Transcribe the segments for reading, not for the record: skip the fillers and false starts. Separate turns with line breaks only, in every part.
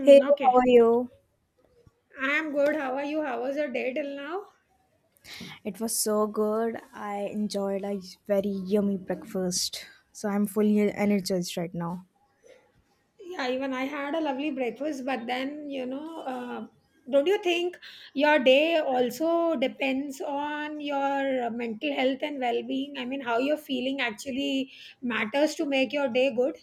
Hey, how
okay.
are you?
I am good. How are you? How was your day till now?
It was so good. I enjoyed a very yummy breakfast. So I'm fully energized right now.
Yeah, even I had a lovely breakfast, but then, don't you think your day also depends on your mental health and well being? I mean, how you're feeling actually matters to make your day good.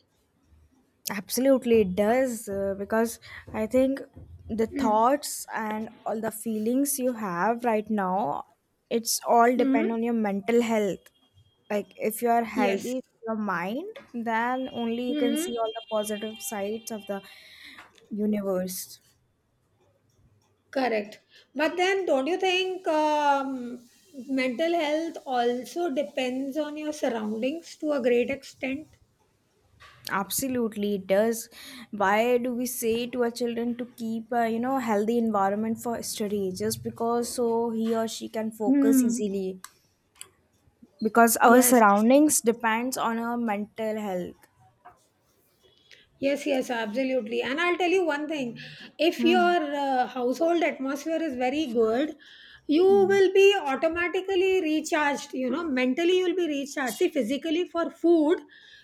Absolutely, it does because I think the
Mm.
thoughts and all the feelings you have right now, it's all depend
hmm
on your mental health. Like if you are
Yes.
healthy, in your mind, then only you can
hmm
see all the positive sides of the universe.
Correct. But then, don't you think mental health also depends on your surroundings to a great extent?
Absolutely, it does. Why do we say to our children to keep, a healthy environment for study just because so he or she can focus
Hmm.
easily? Because our
Yes,
surroundings depends on our mental health.
yes, yes, absolutely. And I'll tell you one thing if
Hmm.
your household atmosphere is very good, you
Hmm.
will be automatically recharged. You know, mentally, you'll be recharged. See, physically, for food,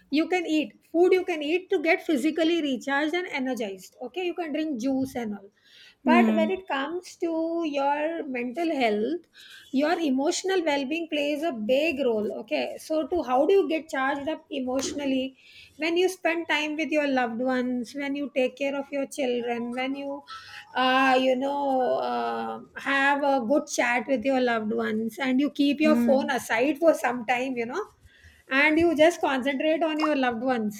you can eat. Food you can eat to get physically recharged and energized. Okay, you can drink juice and all. But
Hmm.
when it comes to your mental health, your emotional well-being plays a big role. Okay, so to how do you get charged up emotionally? When you spend time with your loved ones, when you take care of your children, when you you know have a good chat with your loved ones and you keep your
Hmm.
phone aside for some time, you know and you just concentrate on your loved ones.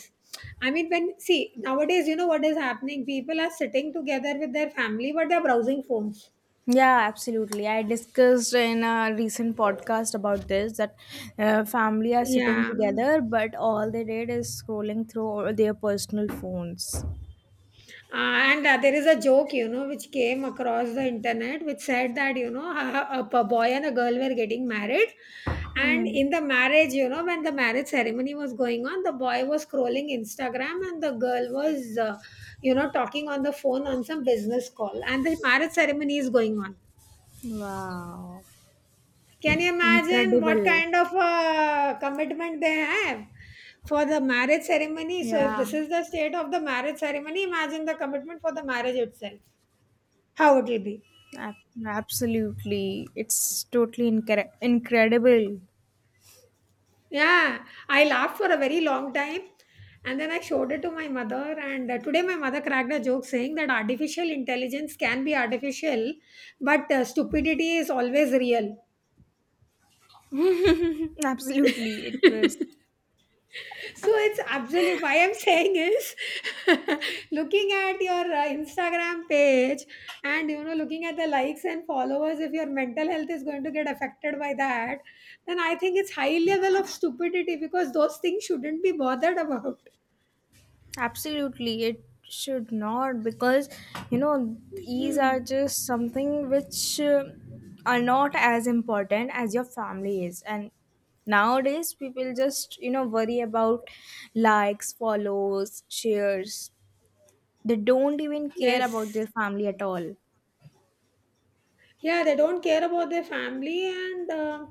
I mean, when, see, nowadays, you know what is happening? People are sitting together with their family, but they're browsing phones.
Yeah, absolutely. I discussed in a recent podcast about this that family are sitting
Yeah.
together, but all they did is scrolling through all their personal phones.
And there is a joke, you know, which came across the internet, which said that, you know, a boy and a girl were getting married. And
Hmm.
in the marriage, you know, when the marriage ceremony was going on, the boy was scrolling Instagram and the girl was, you know, talking on the phone on some business call. And the marriage ceremony is going on.
Wow.
Can you imagine what
Incredible.
kind of commitment they have? For the marriage ceremony. So, if
Yeah,
this is the state of the marriage ceremony, imagine the commitment for the marriage itself. How it'll be.
ab- absolutely. It's totally incredible.
Yeah, I laughed for a very long time and then I showed it to my mother. And today, my mother cracked a joke saying that artificial intelligence can be artificial, but stupidity is always real.
absolutely. It was
So it's absolute. Why I'm saying is, looking at your Instagram page, and you know, looking at the likes and followers, if your mental health is going to get affected by that, then I think it's high level of stupidity because those things shouldn't be bothered about.
absolutely. It should not because these are just something which are not as important as your family is, and nowadays people just worry about likes, follows, shares. They don't even care about
Yes.
their family at all.
Yeah, they don't care about their family, and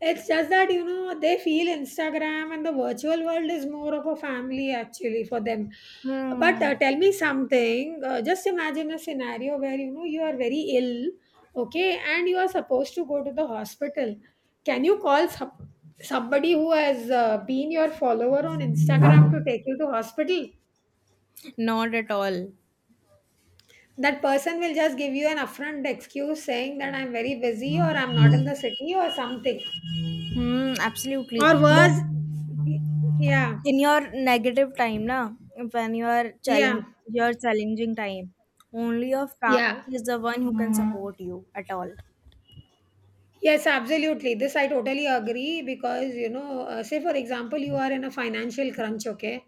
it's just that you know they feel Instagram and the virtual world is more of a family actually for them. But
Hmm,
tell me something. Just imagine a scenario where you know you are very ill, okay, and you are supposed to go to the hospital. Can you call somebody who has been your follower on Instagram to take you to hospital?
not at all.
That person will just give you an affront excuse saying that I'm very busy or I'm not in the city or something.
Hmm, absolutely.
Or
Look,
worse, yeah,
in your negative time, na, when you are challenging
yeah,
your challenging time, only your
yeah.
family is the one who can support you at all.
Yes, absolutely. This I totally agree because, you know, say for example, you are in a financial crunch, okay?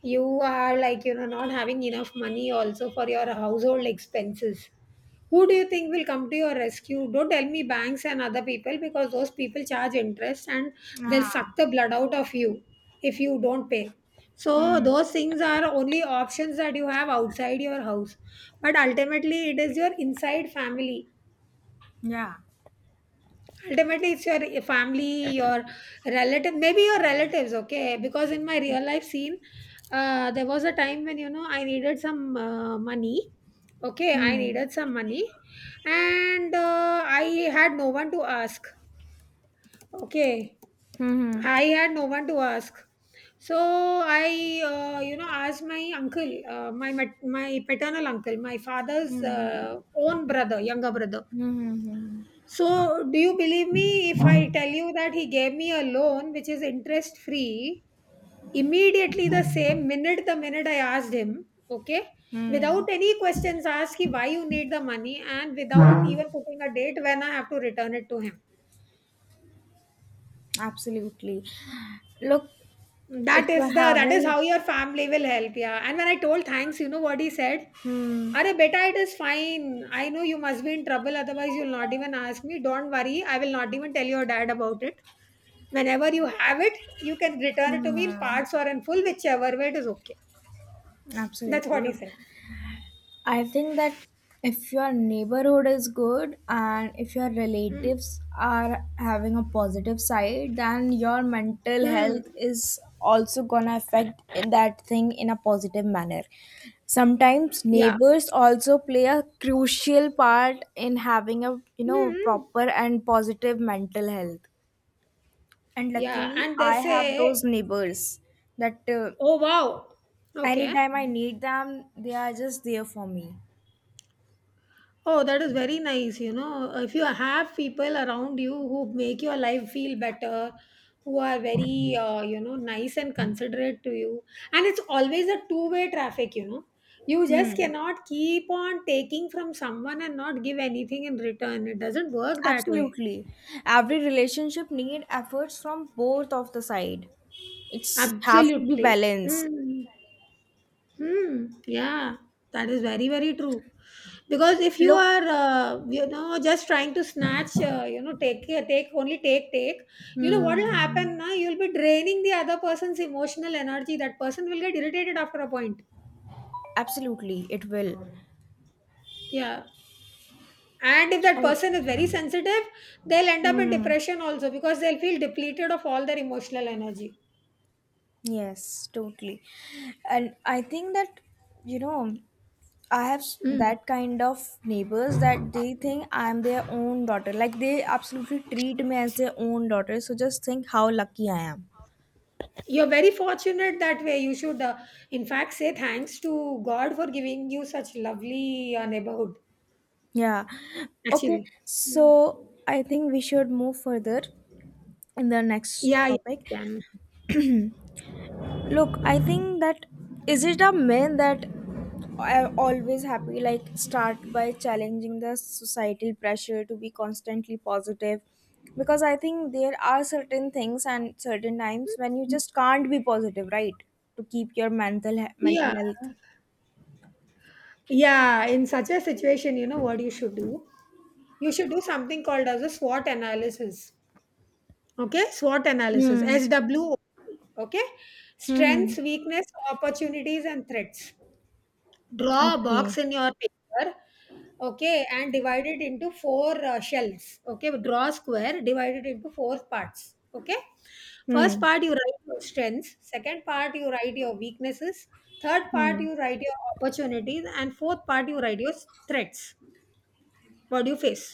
You are like, you know, not having enough money also for your household expenses. Who do you think will come to your rescue? Don't tell me banks and other people because those people charge interest and they'll
Yeah.
suck the blood out of you if you don't pay. So, those things are only options that you have outside your house. But ultimately, it is your inside family,
Yeah.
ultimately it's your family, your relative, maybe your relatives, okay? Because in my real life scene, there was a time when you know I needed some money, okay, I
Hmm.
needed some money. And I had no one to ask, okay,
Hmm.
I had no one to ask. So I you know, asked my uncle, my paternal uncle, my father's
Hmm. Hmm.
own brother, younger brother.
Hmm. Hmm.
So, do you believe me if I tell you that he gave me a loan which is interest free immediately, the same minute, the minute I asked him, okay,
Hmm.
without any questions asked, he, why you need the money, and without even putting a date when I have to return it to him.
Absolutely. Look, if
That is
we're
the, that is
having.
how your family will help, yeah. And when I told thanks, you know what he said?
Hmm.
Are beta, it is fine. I know you must be in trouble, otherwise you'll not even ask me. Don't worry, I will not even tell your dad about it. Whenever you have it, you can return it to me in
Hmm.
parts or in full, whichever way it is okay. That's
Absolutely.
what he
Look,
said.
I think that if your neighborhood is good and if your
Mm.
relatives are having a positive side, then your mental
Mm.
health is also gonna affect in that thing in a positive manner. Sometimes
Yeah.
neighbors also play a crucial part in having a
Mm.
proper and positive mental health. And
Yeah.
luckily,
And they
I have
say,
those neighbors that
oh, wow. Okay.
anytime I need them, they are just there for me.
Oh, that is very nice. You know, if you have people around you who make your life feel better, who are very, you know, nice and considerate to you, and it's always a two-way traffic, you know. You just
Hmm.
cannot keep on taking from someone and not give anything in return. It doesn't work that way.
Absolutely. Every relationship need efforts from both of the side. It's have to be
Absolutely.
balanced.
Mm. Hmm. Yeah, that is very very true. Because if you
Look,
are, you know, just trying to snatch, you know, take take only take take, you know what will happen?
hmm,
Now you'll be draining the other person's emotional energy. That person will get irritated after a point.
absolutely, it will.
Yeah. And if that
And
person is very sensitive, they'll end up in
hmm,
depression also because they'll feel depleted of all their emotional energy.
yes, totally. And I think that you know, I have
Mm.
that kind of neighbors that they think I'm their own daughter. Like they absolutely treat me as their own daughter. So just think how lucky I am.
You're very fortunate that way. You should, in fact, say thanks to God for giving you such lovely neighborhood.
Yeah. Okay.
Actually. Mm.
So I think we should move further in the next
Yeah, yeah, you
topic.
can.
Look, I think that, is it a myth that I'm always happy, like start by challenging the societal pressure to be constantly positive? Because I think there are certain things and certain times when you just can't be positive, right? To keep your mental
Yeah.
health.
Yeah, in such a situation, you know what you should do? You should do something called as a SWOT analysis. Okay, SWOT analysis,
Hmm.
SWOT. Okay,
Hmm.
strengths,
Hmm.
weakness, opportunities, and threats. Draw a box
Okay.
in your paper, okay, and divided into four shells, okay, draw a square divided into four parts, okay. First
Hmm.
part you write your strengths, second part you write your weaknesses, third part
Hmm.
you write your opportunities, and fourth part you write your threats, what do you face,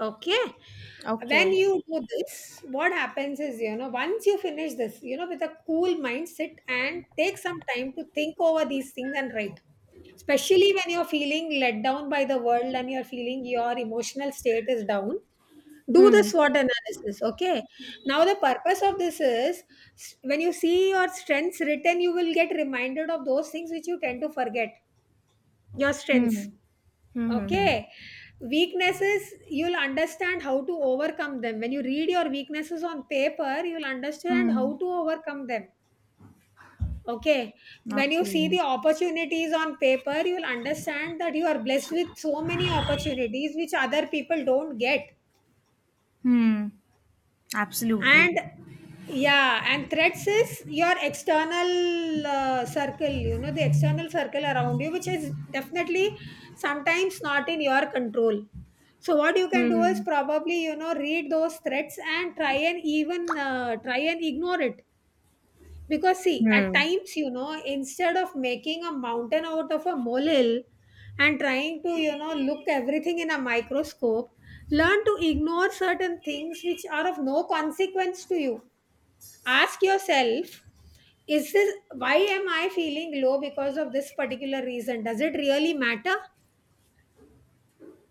okay?
Okay.
When you do this, what happens is, you know, once you finish this, you know, with a cool mind, sit and take some time to think over these things and write, especially when you're feeling let down by the world and you're feeling your emotional state is down, do the
Hmm.
SWOT analysis, okay. Now the purpose of this is, when you see your strengths written, you will get reminded of those things which you tend to forget, your strengths.
Hmm. Hmm. Hmm.
Okay. Weaknesses, you'll understand how to overcome them. When you read your weaknesses on paper, you'll understand how
Hmm.
to overcome them. Okay.
Hmm.
When you see
Okay.
the opportunities on paper, you'll understand that you are blessed with so many opportunities which other people don't get.
Hmm. Absolutely.
And yeah, and threats is your external circle, you know, the external circle around you, which is definitely sometimes not in your control. So what you can do is
Hmm.
probably, you know, read those threats and try and even, try and ignore it. Because see, at
Hmm.
times, you know, instead of making a mountain out of a molehill and trying to, you know, look everything in a microscope, learn to ignore certain things which are of no consequence to you. Ask yourself, is this, why am I feeling low because of this particular reason, does it really matter?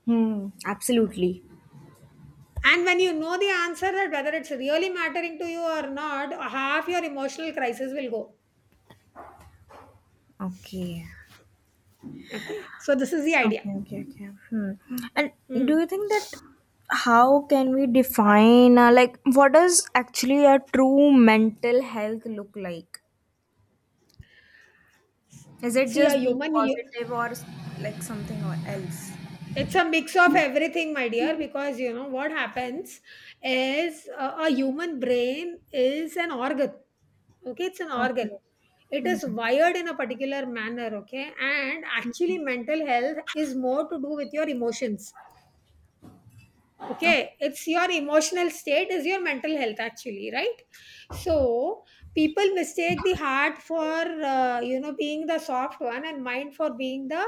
Hmm. Absolutely.
And when you know the answer, that whether it's really mattering to you or not, half your emotional crisis will go.
Okay.
Okay, so this is the idea.
Okay. Okay. Okay. Hmm. And do
Hmm.
you think that how can we define like what does actually a true mental health look like? Is it
See, a
just being
human, you,
positive or like something or else?
it's a mix of everything, my dear, because you know what happens is, a human brain is an organ. Okay, it's an
Okay.
organ. It is wired in a particular manner. Okay, and actually, mental health is more to do with your emotions.
Okay.
Okay, it's your emotional state, is your mental health actually, right? So, people mistake the heart for you know, being the soft one and mind for being the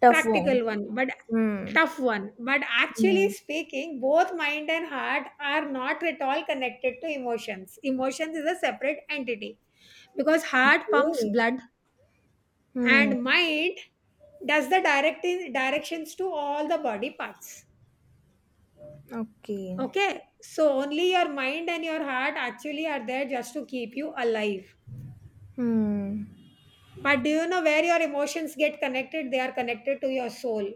Tough one.
practical one, but
Hmm.
tough one. But actually
Hmm.
speaking, both mind and heart are not at all connected to emotions. Emotions is a separate entity, because heart pumps
Okay.
blood,
Hmm.
and mind does the directions to all the body parts.
Okay.
Okay, so only your mind and your heart actually are there just to keep you alive.
Hmm.
But do you know where your emotions get connected? They are connected to your soul.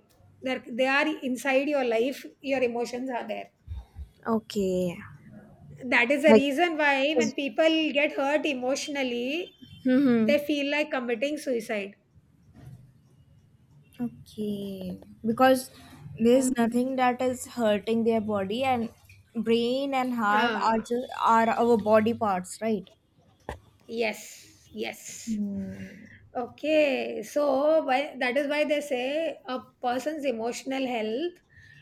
They are inside your life, your emotions are there.
Okay.
That is the
Like.
reason why when
'cause-
people get hurt emotionally,
Hmm.
they feel like committing suicide.
Okay. Because
Oh.
there's nothing that is hurting their body, and brain and heart
Ah,
are just are our body parts, right?
yes, yes.
Hmm.
Okay, so why, that is why they say a person's emotional health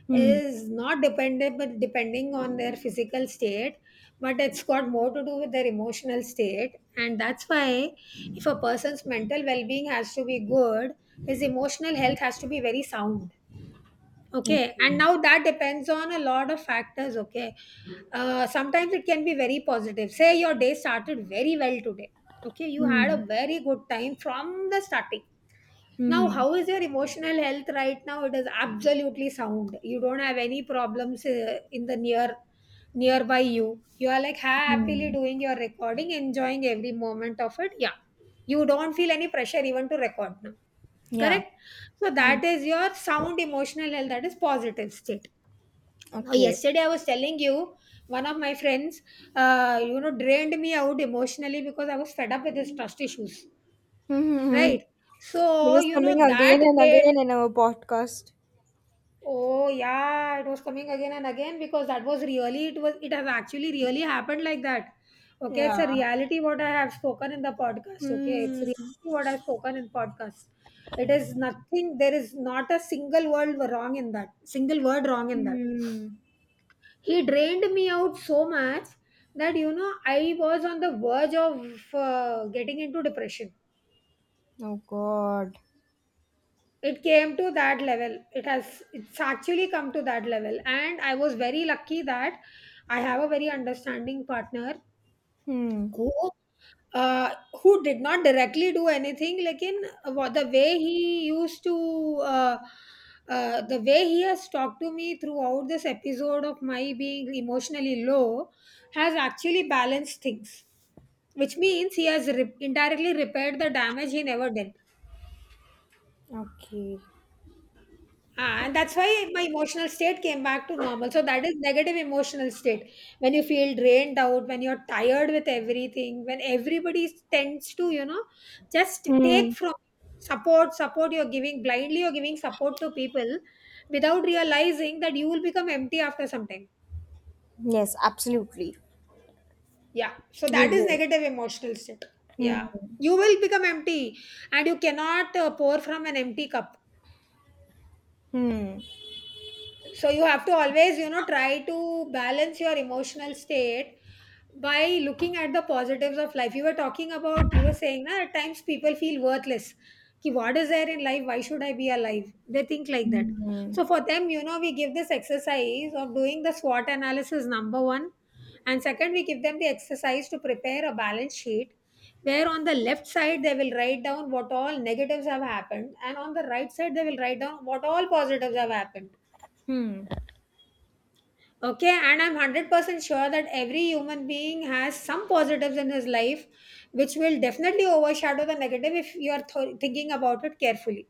Hmm.
is not dependent depending on their physical state, but it's got more to do with their emotional state. And that's why if a person's mental well-being has to be good, his emotional health has to be very sound. Okay, and
Okay.
now that depends on a lot of factors. Okay, sometimes it can be very positive. Say your day started very well today, okay, you had
Hmm.
a very good time from the starting. Now,
Hmm.
how is your emotional health right now? It is absolutely sound. You don't have any problems in the nearby you. You are like happily
Hmm.
doing your recording, enjoying every moment of it. Yeah. You don't feel any pressure even to record now.
Yeah.
Correct? So
Hmm.
that is your sound emotional health. That is positive state. Now,
Okay.
yesterday I was telling you one of my friends, drained me out emotionally because I was fed up with his trust issues.
Mm-hmm. Hmm.
Right?
It
So,
was
you
coming
know,
again
that
and
way.
again in our podcast.
Oh yeah, it was coming again and again because that was really it has actually really happened like that. Okay, it's
Yeah.
a reality what I have spoken in the podcast. Okay, it's
Hmm.
reality what I've spoken in podcast. It is nothing. There is not a single word wrong in that. Single word wrong in that.
Hmm.
He drained me out so much that you know I was on the verge of getting into depression.
Oh God.
It came to that level. It has it's actually come to that level. And I was very lucky that I have a very understanding partner
Hmm.
who uh, who did not directly do anything like in what the way he used to uh, the way he has talked to me throughout this episode of my being emotionally low has actually balanced things, which means he has indirectly repaired the damage he never did.
Okay.
Ah, and that's why my emotional state came back to normal. So that is negative emotional state. When you feel drained out, when you're tired with everything, when everybody tends to, you know, just take
Hmm.
from support you're giving blindly, you're giving support to people without realizing that you will become empty after some time.
Yes, absolutely.
Yeah. So
You
that is
would.
negative emotional state.
Hmm.
Yeah. You will become empty and you cannot pour from an empty cup.
Hmm.
So you have to always, you know, try to balance your emotional state by looking at the positives of life. You were talking about, you were saying that at times people feel worthless, ki what is there in life, why should I be alive, they think like that.
Hmm.
So for them, you know, we give this exercise of doing the SWOT analysis number 1, and second, we give them the exercise to prepare a balance sheet, where on the left side they will write down what all negatives have happened, and on the right side they will write down what all positives have happened.
Hmm.
Okay, and I'm 100% sure that every human being has some positives in his life, which will definitely overshadow the negative if you are thinking about it carefully.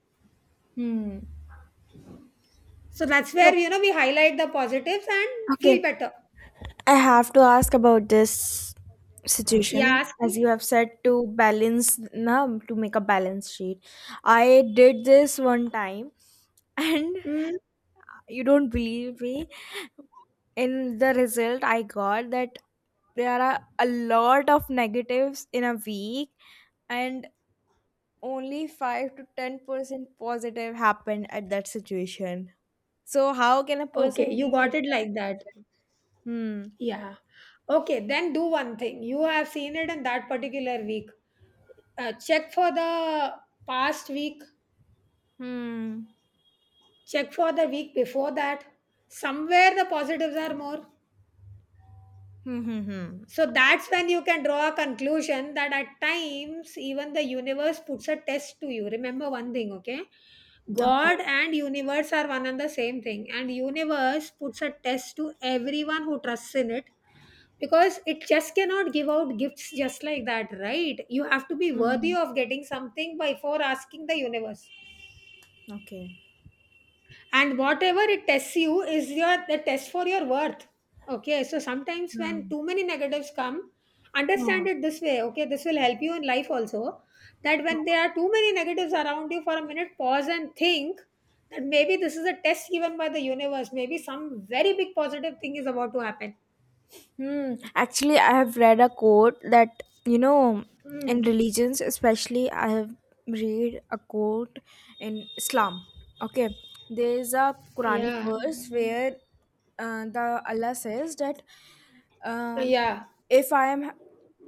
Hmm.
So that's where,
Look.
you know, we highlight the positives and feel
Okay.
better.
I have to ask about this
Yeah,
situation.
ask
As
me.
you have said, to balance, na, to make a balance sheet. I did this one time, and
Mm,
you don't believe me. In the result, I got that there are a lot of negatives in a week, and only 5 to 10% positive happened at that situation. So, how can a
okay,
person
you
deal
got
in
it
that
like that.
situation? Hmm.
Yeah. Okay, then do one thing. You have seen it in that particular week. Check for the past week,
Hmm.
check for the week before that. Somewhere the positives are more.
Hmm, hmm, hmm.
So that's when you can draw a conclusion that at times even the universe puts a test to you. Remember one thing, okay?
Okay.
God and universe are one and the same thing. And universe puts a test to everyone who trusts in it, because it just cannot give out gifts just like that, right? You have to be worthy
Hmm.
of getting something before asking the universe,
Okay.
and whatever it tests you is your the test for your worth. Okay, so sometimes when
Hmm.
too many negatives come, understand
Huh.
it this way. Okay, this will help you in life also, that when there are too many negatives around you, for a minute pause and think that maybe this is a test given by the universe, maybe some very big positive thing is about to happen.
Hmm. Actually, I have read a quote that, in
Hmm.
religions, especially, I have read a quote in Islam. Okay. There is a Quranic
Yeah,
verse where the Allah says that um,
yeah.
if I am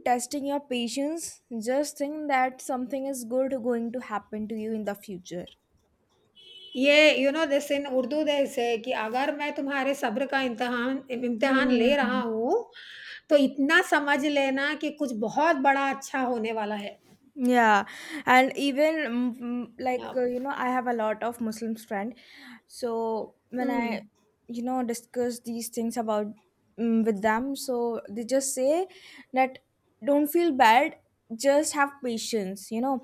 testing your patience, just think that something is good going to happen to you in the future.
ये you know this in Urdu they say कि अगर मैं तुम्हारे सब्र का इम्तिहान ले रहा
Hmm.
हूँ, तो इतना समझ लेना कि कुछ बहुत बड़ा अच्छा होने वाला है।
Yeah, and even like
uh,
I have a lot of Muslim friend. So when I,
hmm,
discuss these things about with them, so they just say that don't feel bad, just have patience.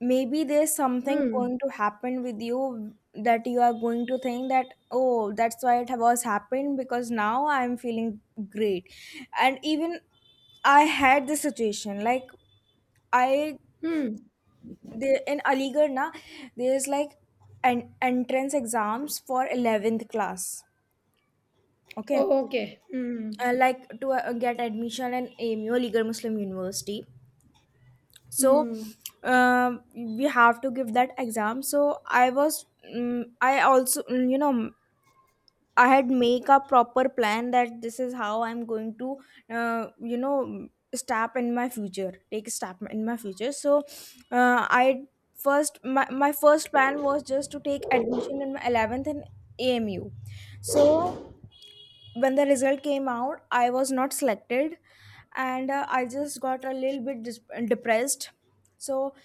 Maybe there's something
hmm,
going to happen with you that you are going to think that oh, that's why it was happened because now I'm feeling great, and even I had this situation like. I
hmm,
There in Aligarh, na, there's like an entrance exams for 11th class. Okay.
Okay, hmm,
Like to get admission in AMU, Aligarh Muslim University. So
hmm,
we have to give that exam. So I was I also I had make a proper plan that this is how I'm going to, uh, you know, step in my future, take a step in my future. So, uh, I my first plan was just to take admission in my 11th in AMU. So when the result came out, I was not selected, and I just got a little bit depressed. So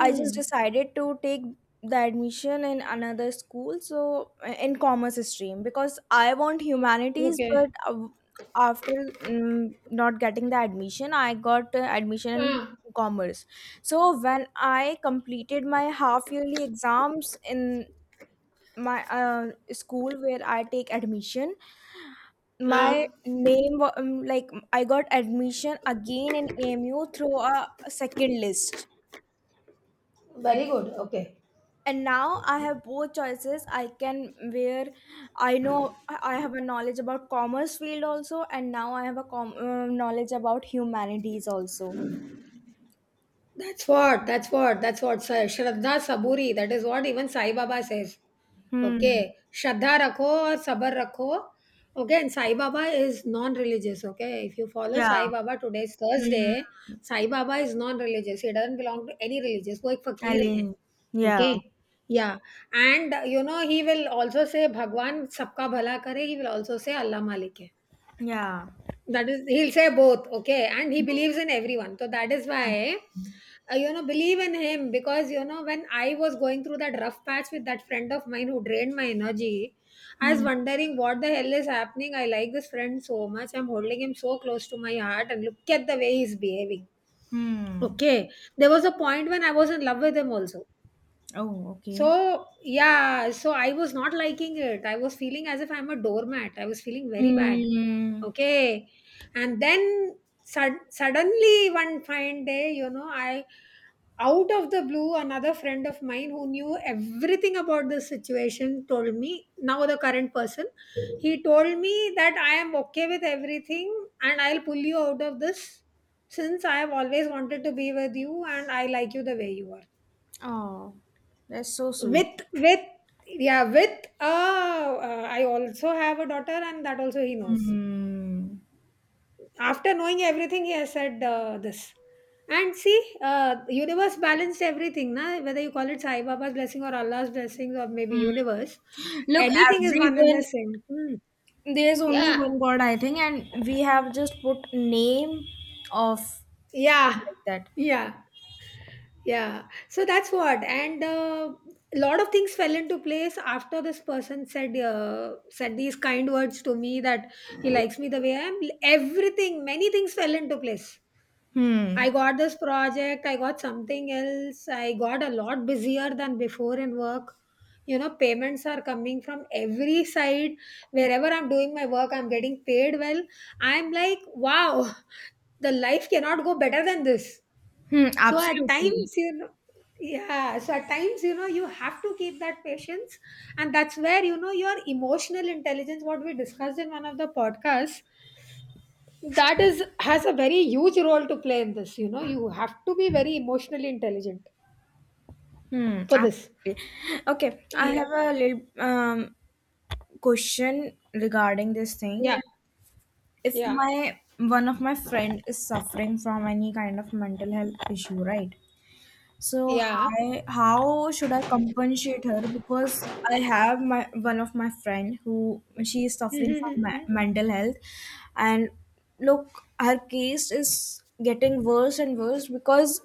I just decided to take the admission in another school, so in commerce stream because I want humanities,
okay.
but after not getting the admission, I got admission in
हाँ,
commerce. So when I completed my half yearly exams in my school where I take admission, my
हाँ,
like I got admission again in AMU through a second list.
Very good, okay.
And now I have both choices. I can, where I know I have a knowledge about commerce field also, and now I have a knowledge about humanities also.
That's what Sai Shraddha Saburi, that is what even Sai Baba says. Okay
Hmm.
श्रद्धा रखो और सब्र रखो। Okay and Sai Baba is non religious. Okay if you follow
Yeah.
Sai Baba today is Thursday.
Hmm.
Sai Baba is non religious, he doesn't belong to any religious, वो एक फकीर हैं।
Align. Yeah.
Okay, yeah, and you know he will also say भगवान सबका भला करे, ही will also से अल्लाह मालिक है.
Yeah.
That is, he'll say both. Okay, and he
Oh,
believes in everyone. So that is why
absolutely.
you know, believe in him. Because you know when I was going through that rough patch with that friend of mine who drained my energy, I was
Hmm.
wondering what the hell is happening. I like this friend so much, I'm holding him so close to my heart, and look at the way he's behaving.
Hmm.
Okay, there was a point when I was in love with him also.
Oh, okay.
So, yeah, so I was not liking it. I was feeling as if I'm a doormat. I was feeling very bad.
Hmm.
Okay. And then suddenly, one fine day, you know, I, out of the blue, another friend of mine who knew everything about the situation told me, now the current person, he told me that I am okay with everything and I'll pull you out of this, since I have always wanted to be with you and I like you the way you are,
Oh, that's so sweet.
with yeah with I also have a daughter, and that also he knows.
Hmm.
After knowing everything he has said this. And see, universe balanced everything na, whether you call it Sai Baba's blessing or Allah's blessings or maybe universe,
Look,
anything is one and the
everyone.
same. Hmm.
There's only
Yeah,
one God, I think, and we have just put name of,
yeah,
like, that.
yeah. Yeah, so that's what. And a lot of things fell into place after this person said said these kind words to me, that he likes me the way I am. Everything, many things fell into place. I
Hmm.
got this project, I got something else, I got a lot busier than before in work. You know, payments are coming from every side. Wherever I'm doing my work, I'm getting paid well. I'm like, wow, the life cannot go better than this.
Hmm.
So at
Absolutely.
times, you know, Yeah, so at times, you know, you have to keep that patience. And that's where, you know, your emotional intelligence, what we discussed in one of the podcasts, that is has a very huge role to play in this. You know, you have to be very emotionally intelligent
Hmm.
for this.
Absolutely. Okay. I
Yeah.
have a little question regarding this thing
Yeah.
that if
Yeah.
my one of my friend is suffering from any kind of mental health issue, right? So
Yeah.
hi, how should I compensate her? Because I have my one of my friend who she is suffering from
Mm-hmm.
mental health, and look, her case is getting worse and worse because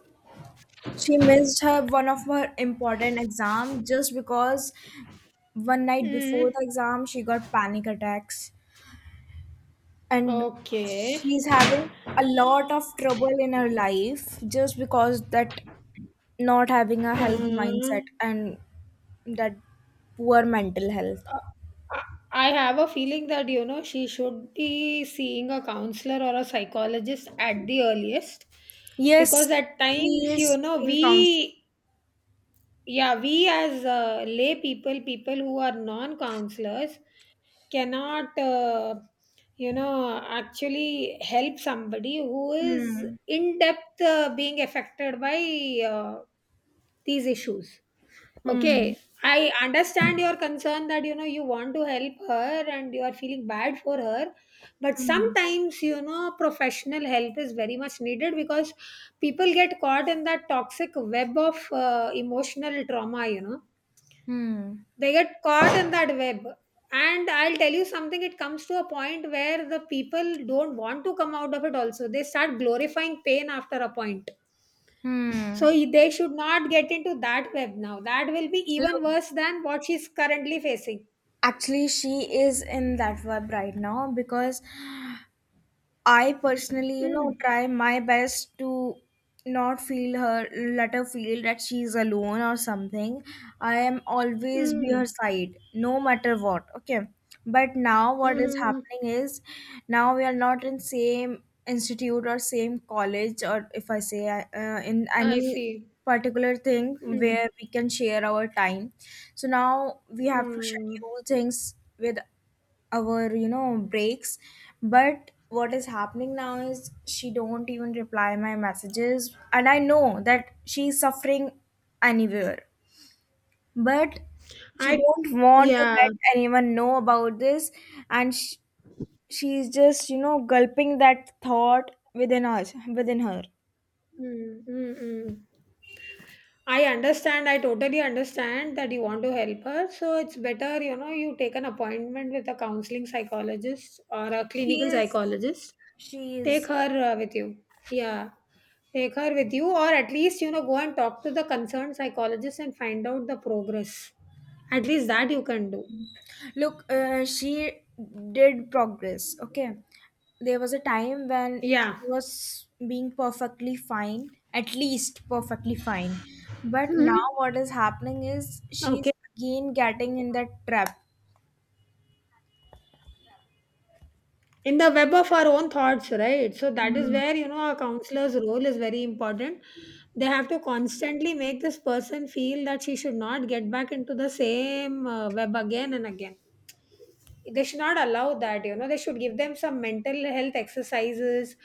she missed her one of her important exam just because one night
Mm-hmm.
before
Mm-hmm.
the exam she got panic attacks, and
Okay.
she's having a lot of trouble in her life just because that not having a healthy mindset
Mm.
and that poor mental health.
I I have a feeling that, you know, she should be seeing a counselor or a psychologist at the earliest, because
Yes,
at
she
times, you
is
know,
taking counseling.
yeah, we as lay people, people who are non counselors, cannot, you know, actually help somebody who is
Hmm.
in depth being affected by these issues.
Hmm.
Okay, I understand your concern that you know you want to help her and you are feeling bad for her, but sometimes you know professional help is very much needed, because people get caught in that toxic web of emotional trauma, you know,
Hmm.
they get caught in that web. And I'll tell you something, it comes to a point where the people don't want to come out of it, also, they start glorifying pain after a point. So
Hmm.
they should not get into that web now. That will be even
Look,
worse than what she's currently facing.
actually, she is in that vibe right now because I personally,
Mm,
try my best to not feel her, let her feel that she's alone or something. I am always be her
mm,
side, no matter what. Okay. But now what is
mm,
happening is now we are not in same institute or same college or if I say in
I
any
see.
particular thing
Mm,
where we can share our time. So now we have to
mm.
schedule things with our breaks. But what is happening now is she don't even reply my messages, and I know that she's suffering anywhere, but she
I
don't want to
yeah.
let anyone know about this. And sh she's just gulping that thought within us, within her.
Mm, mm, mm. I understand, I totally understand that you want to help her. So it's better, you know, you take an appointment with a counseling psychologist or a
she
clinical
is
psychologist.
she
Take
is
her with you. Yeah. Take her with you, or at least, you know, go and talk to the concerned psychologist and find out the progress. At least that you can do.
Look, she did progress. Okay. There was a time when she
Yeah.
was being perfectly fine, at least perfectly fine. But now
Mhm.
what is happening is
Okay.
she's again getting in that trap.
In the web of our own thoughts, right? So that is where, you know, a counselor's role is very important. They have to constantly make this person feel that she should not get back into the same web again and again. They should not allow that, you know, they should give them some mental health exercises.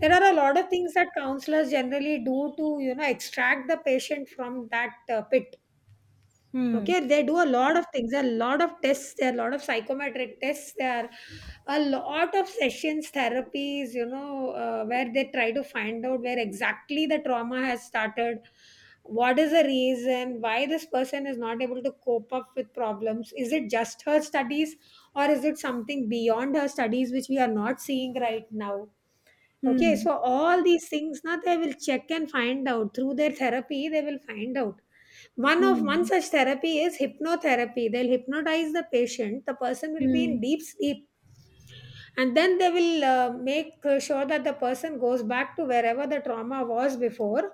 There are a lot of things that counselors generally do to, you know, extract the patient from that pit.
Hmm.
Okay, they do a lot of things, a lot of tests, there are a lot of psychometric tests, there are a lot of sessions, therapies, you know, where they try to find out where exactly the trauma has started, what is the reason, why this person is not able to cope up with problems. Is it just her studies or is it something beyond her studies which we are not seeing right now? Okay,
Hmm.
so all these things now they will check and find out through their therapy, they will find out one
Hmm.
such therapy is hypnotherapy. They'll hypnotize the patient. The person will be
Hmm.
in deep sleep, and then they will make sure that the person goes back to wherever the trauma was before,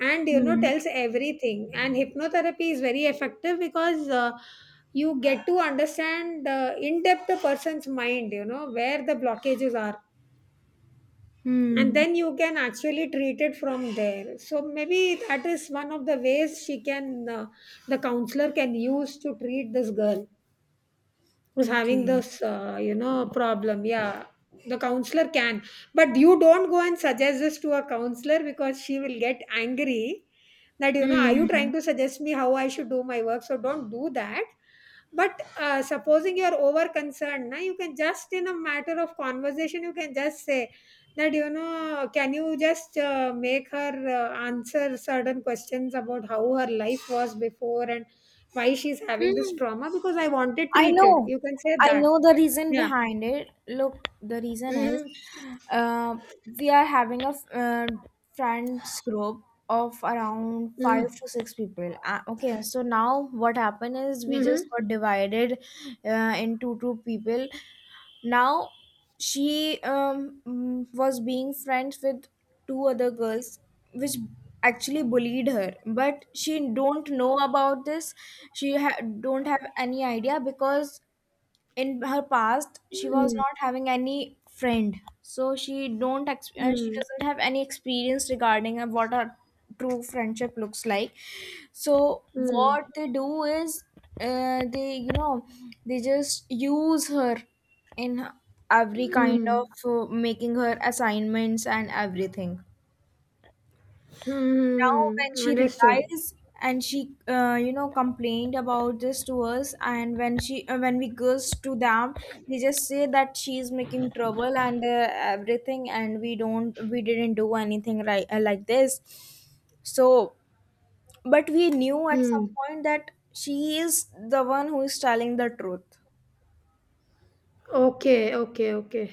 and you know
Hmm.
tells everything. And hypnotherapy is very effective because you get to understand in depth the person's mind. You know where the blockages are and
Hmm.
then you can actually treat it from there. So maybe that is one of the ways she can the counselor can use to treat this girl who's having
Okay.
this you know problem, yeah, the counselor can. But you don't go and suggest this to a counselor because she will get angry that, you know, are you
Hmm.
trying to suggest me how I should do my work? So don't do that. But supposing you're over concerned, na, you can just in a matter of conversation you can just say that, you know, can you just make her answer certain questions about how her life was before and why she's having this
Hmm.
trauma because I want it
I
treated.
know,
You can say
I
that.
know the reason
Yeah.
behind it. Look, the reason is
Mm-hmm.
uh, we are having a friends group of around five
Mm-hmm.
to six people. Okay, so now what happened is we just
Mm-hmm.
got divided into two people. Now she was being friends with two other girls which actually bullied her, but she don't know about this. She don't have any idea because in her past she was not having any friend. So she don't ex- she doesn't have any experience regarding what a true friendship looks like. So
Mm-hmm.
what
Mm-hmm.
they do is they you know they just use her in every kind of making her assignments and everything. Now when
Mm-hmm.
she
Understood.
realized and she complained about this to us, and when she when we goes to them, they just say that she is making trouble and everything, and we didn't do anything right like this. So, but we knew at some
Hmm.
point that she is the one who is telling the truth.
Okay, okay, okay.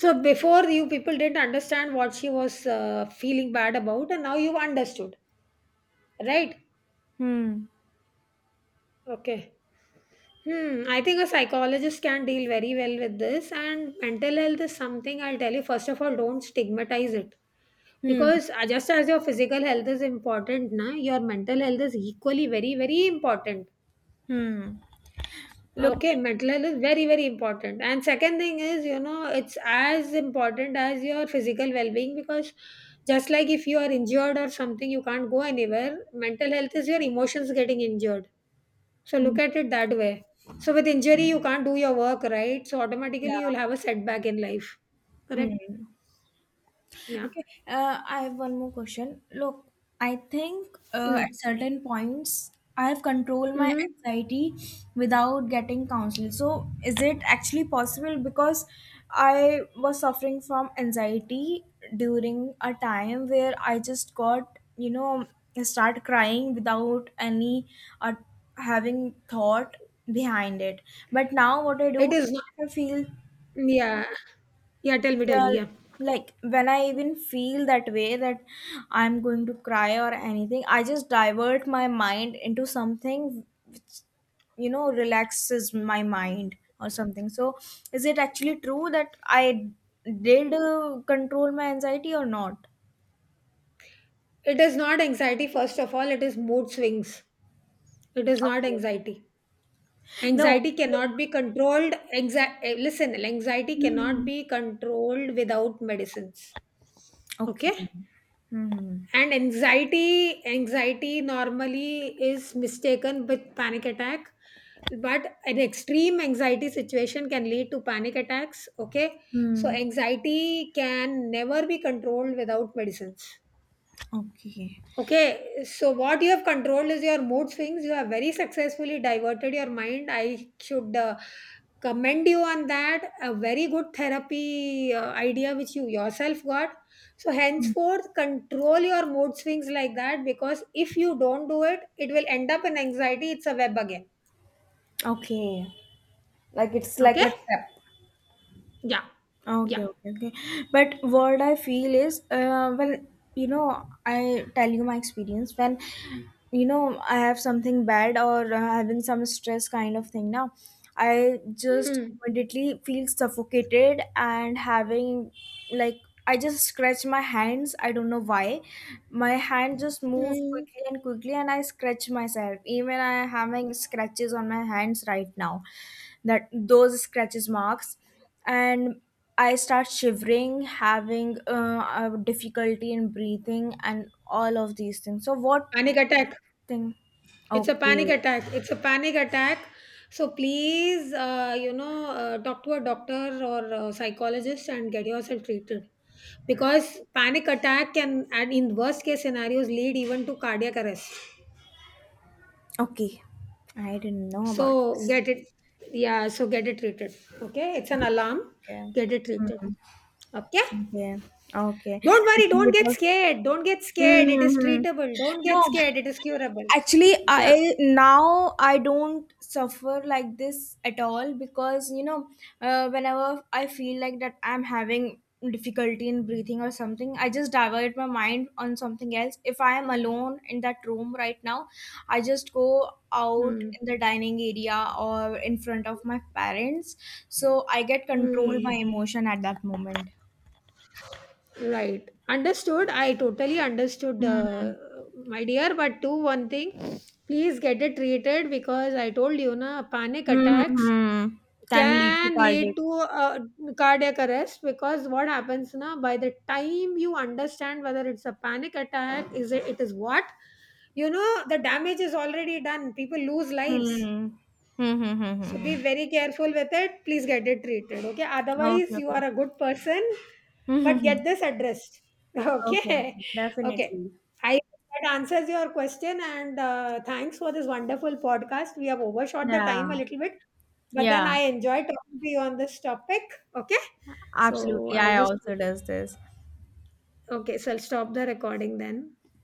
So before, you people didn't understand what she was feeling bad about, and now you understood, right?
Hmm.
Okay. Hmm, I think a psychologist can deal very well with this, and mental health is something I'll tell you. First of all, don't stigmatize it
Hmm.
because just as your physical health is important, na, your mental health is equally very, very important.
Hmm. Look.
Okay, mental health is very, very important. And second thing is, you know, it's as important as your physical well being because just like if you are injured or something, you can't go anywhere, mental health is your emotions getting injured, so look at it that way. So with injury, you can't do your work, right? So automatically, you'll
Yeah.
have a setback in life. Correct? Yeah.
Okay, I have one more question. Look, I think at
Mm.
certain points I have controlled my
Mm-hmm.
anxiety without getting counsel. So, is it actually possible? Because I was suffering from anxiety during a time where I just got, start crying without any uh, having thought behind it. But now, what I
It
do,
is not.
if I feel,
Yeah. Yeah. Tell me. Tell
yeah,
me. Yeah.
like when I even feel that way that I'm going to cry or anything, I just divert my mind into something, relaxes my mind or something. So, is it actually true that I did control my anxiety or not?
It is not anxiety. First of all, it is mood swings. It is not
Okay.
anxiety.
No.
Anxiety
Look.
cannot be controlled. Listen, anxiety cannot
Mhm.
be controlled without medicines. Okay.
Okay. Hmm.
And anxiety normally is mistaken with panic attack, but an extreme anxiety situation can lead to panic attacks, okay? So
Hmm.
anxiety can never be controlled without medicines.
Okay.
Okay, so what you have controlled is your mood swings. You have very successfully diverted your mind. I should commend you on that. A very good therapy idea which you yourself got. So, henceforth, control your mood swings like that because if you don't do it, it will end up in anxiety. It's a web again.
Okay. Like it's like
Okay?
a trap.
Yeah,
Okay,
yeah.
okay, okay. But what I feel is, well, I tell you my experience. When, I have something bad or having some stress kind of thing now, I just
Hmm.
immediately feel suffocated and having like I just scratch my hands. I don't know why. My hand just move
Hmm.
quickly and quickly, and I scratch myself. Even I am having scratches on my hands right now, that those scratches marks, and I start shivering, having a difficulty in breathing, and all of these things. So, what
Panic attack.
thing?
It's a
Okay,
panic attack. It's a panic attack. So please, you know, talk to a doctor or a psychologist and get yourself treated because panic attack can, and in worst case scenarios, lead even to cardiac arrest.
okay, I didn't know about
So
this.
get it, yeah. So get it treated. Okay, it's an alarm.
Okay,
Get it treated. Okay.
okay, okay.
Don't worry. Don't
Actually, it
get
was.
scared. Don't get scared. It is
hmm
treatable. Don't
No,
get scared. It is curable.
actually, I
Yeah.
now I don't suffer like this at all because whenever I feel like that, I'm having difficulty in breathing or something, I just divert my mind on something else. If I am alone in that room right now, I just go out
Hmm.
in the dining area or in front of my parents, so I get control
Hmm.
my emotion at that moment.
Right. Understood. I totally understood, my dear. But do one thing, please get it treated because I told you, na, panic attacks
Mm-hmm, can lead to
can
cardiac.
lead to cardiac arrest because what happens, na, by the time you understand whether it's a panic attack is it, it is what, you know, the damage is already done, people lose lives.
Hmm. Hmm. Hmm. Hmm,
So
hmm.
be
hmm.
very careful with it. Please get it treated. Okay.
Okay,
Otherwise, you are
okay.
a good person, but
Mhm.
get this addressed.
Okay,
Okay.
okay,
Okay.
definitely.
I hope that answers your question. And thanks for this wonderful podcast. We have overshot the
Yeah,
time a little bit, but then
yeah,
I enjoy talking to you on this topic. Okay. So
absolutely.
I'll
I
just,
also does this.
okay. So I'll stop the recording then.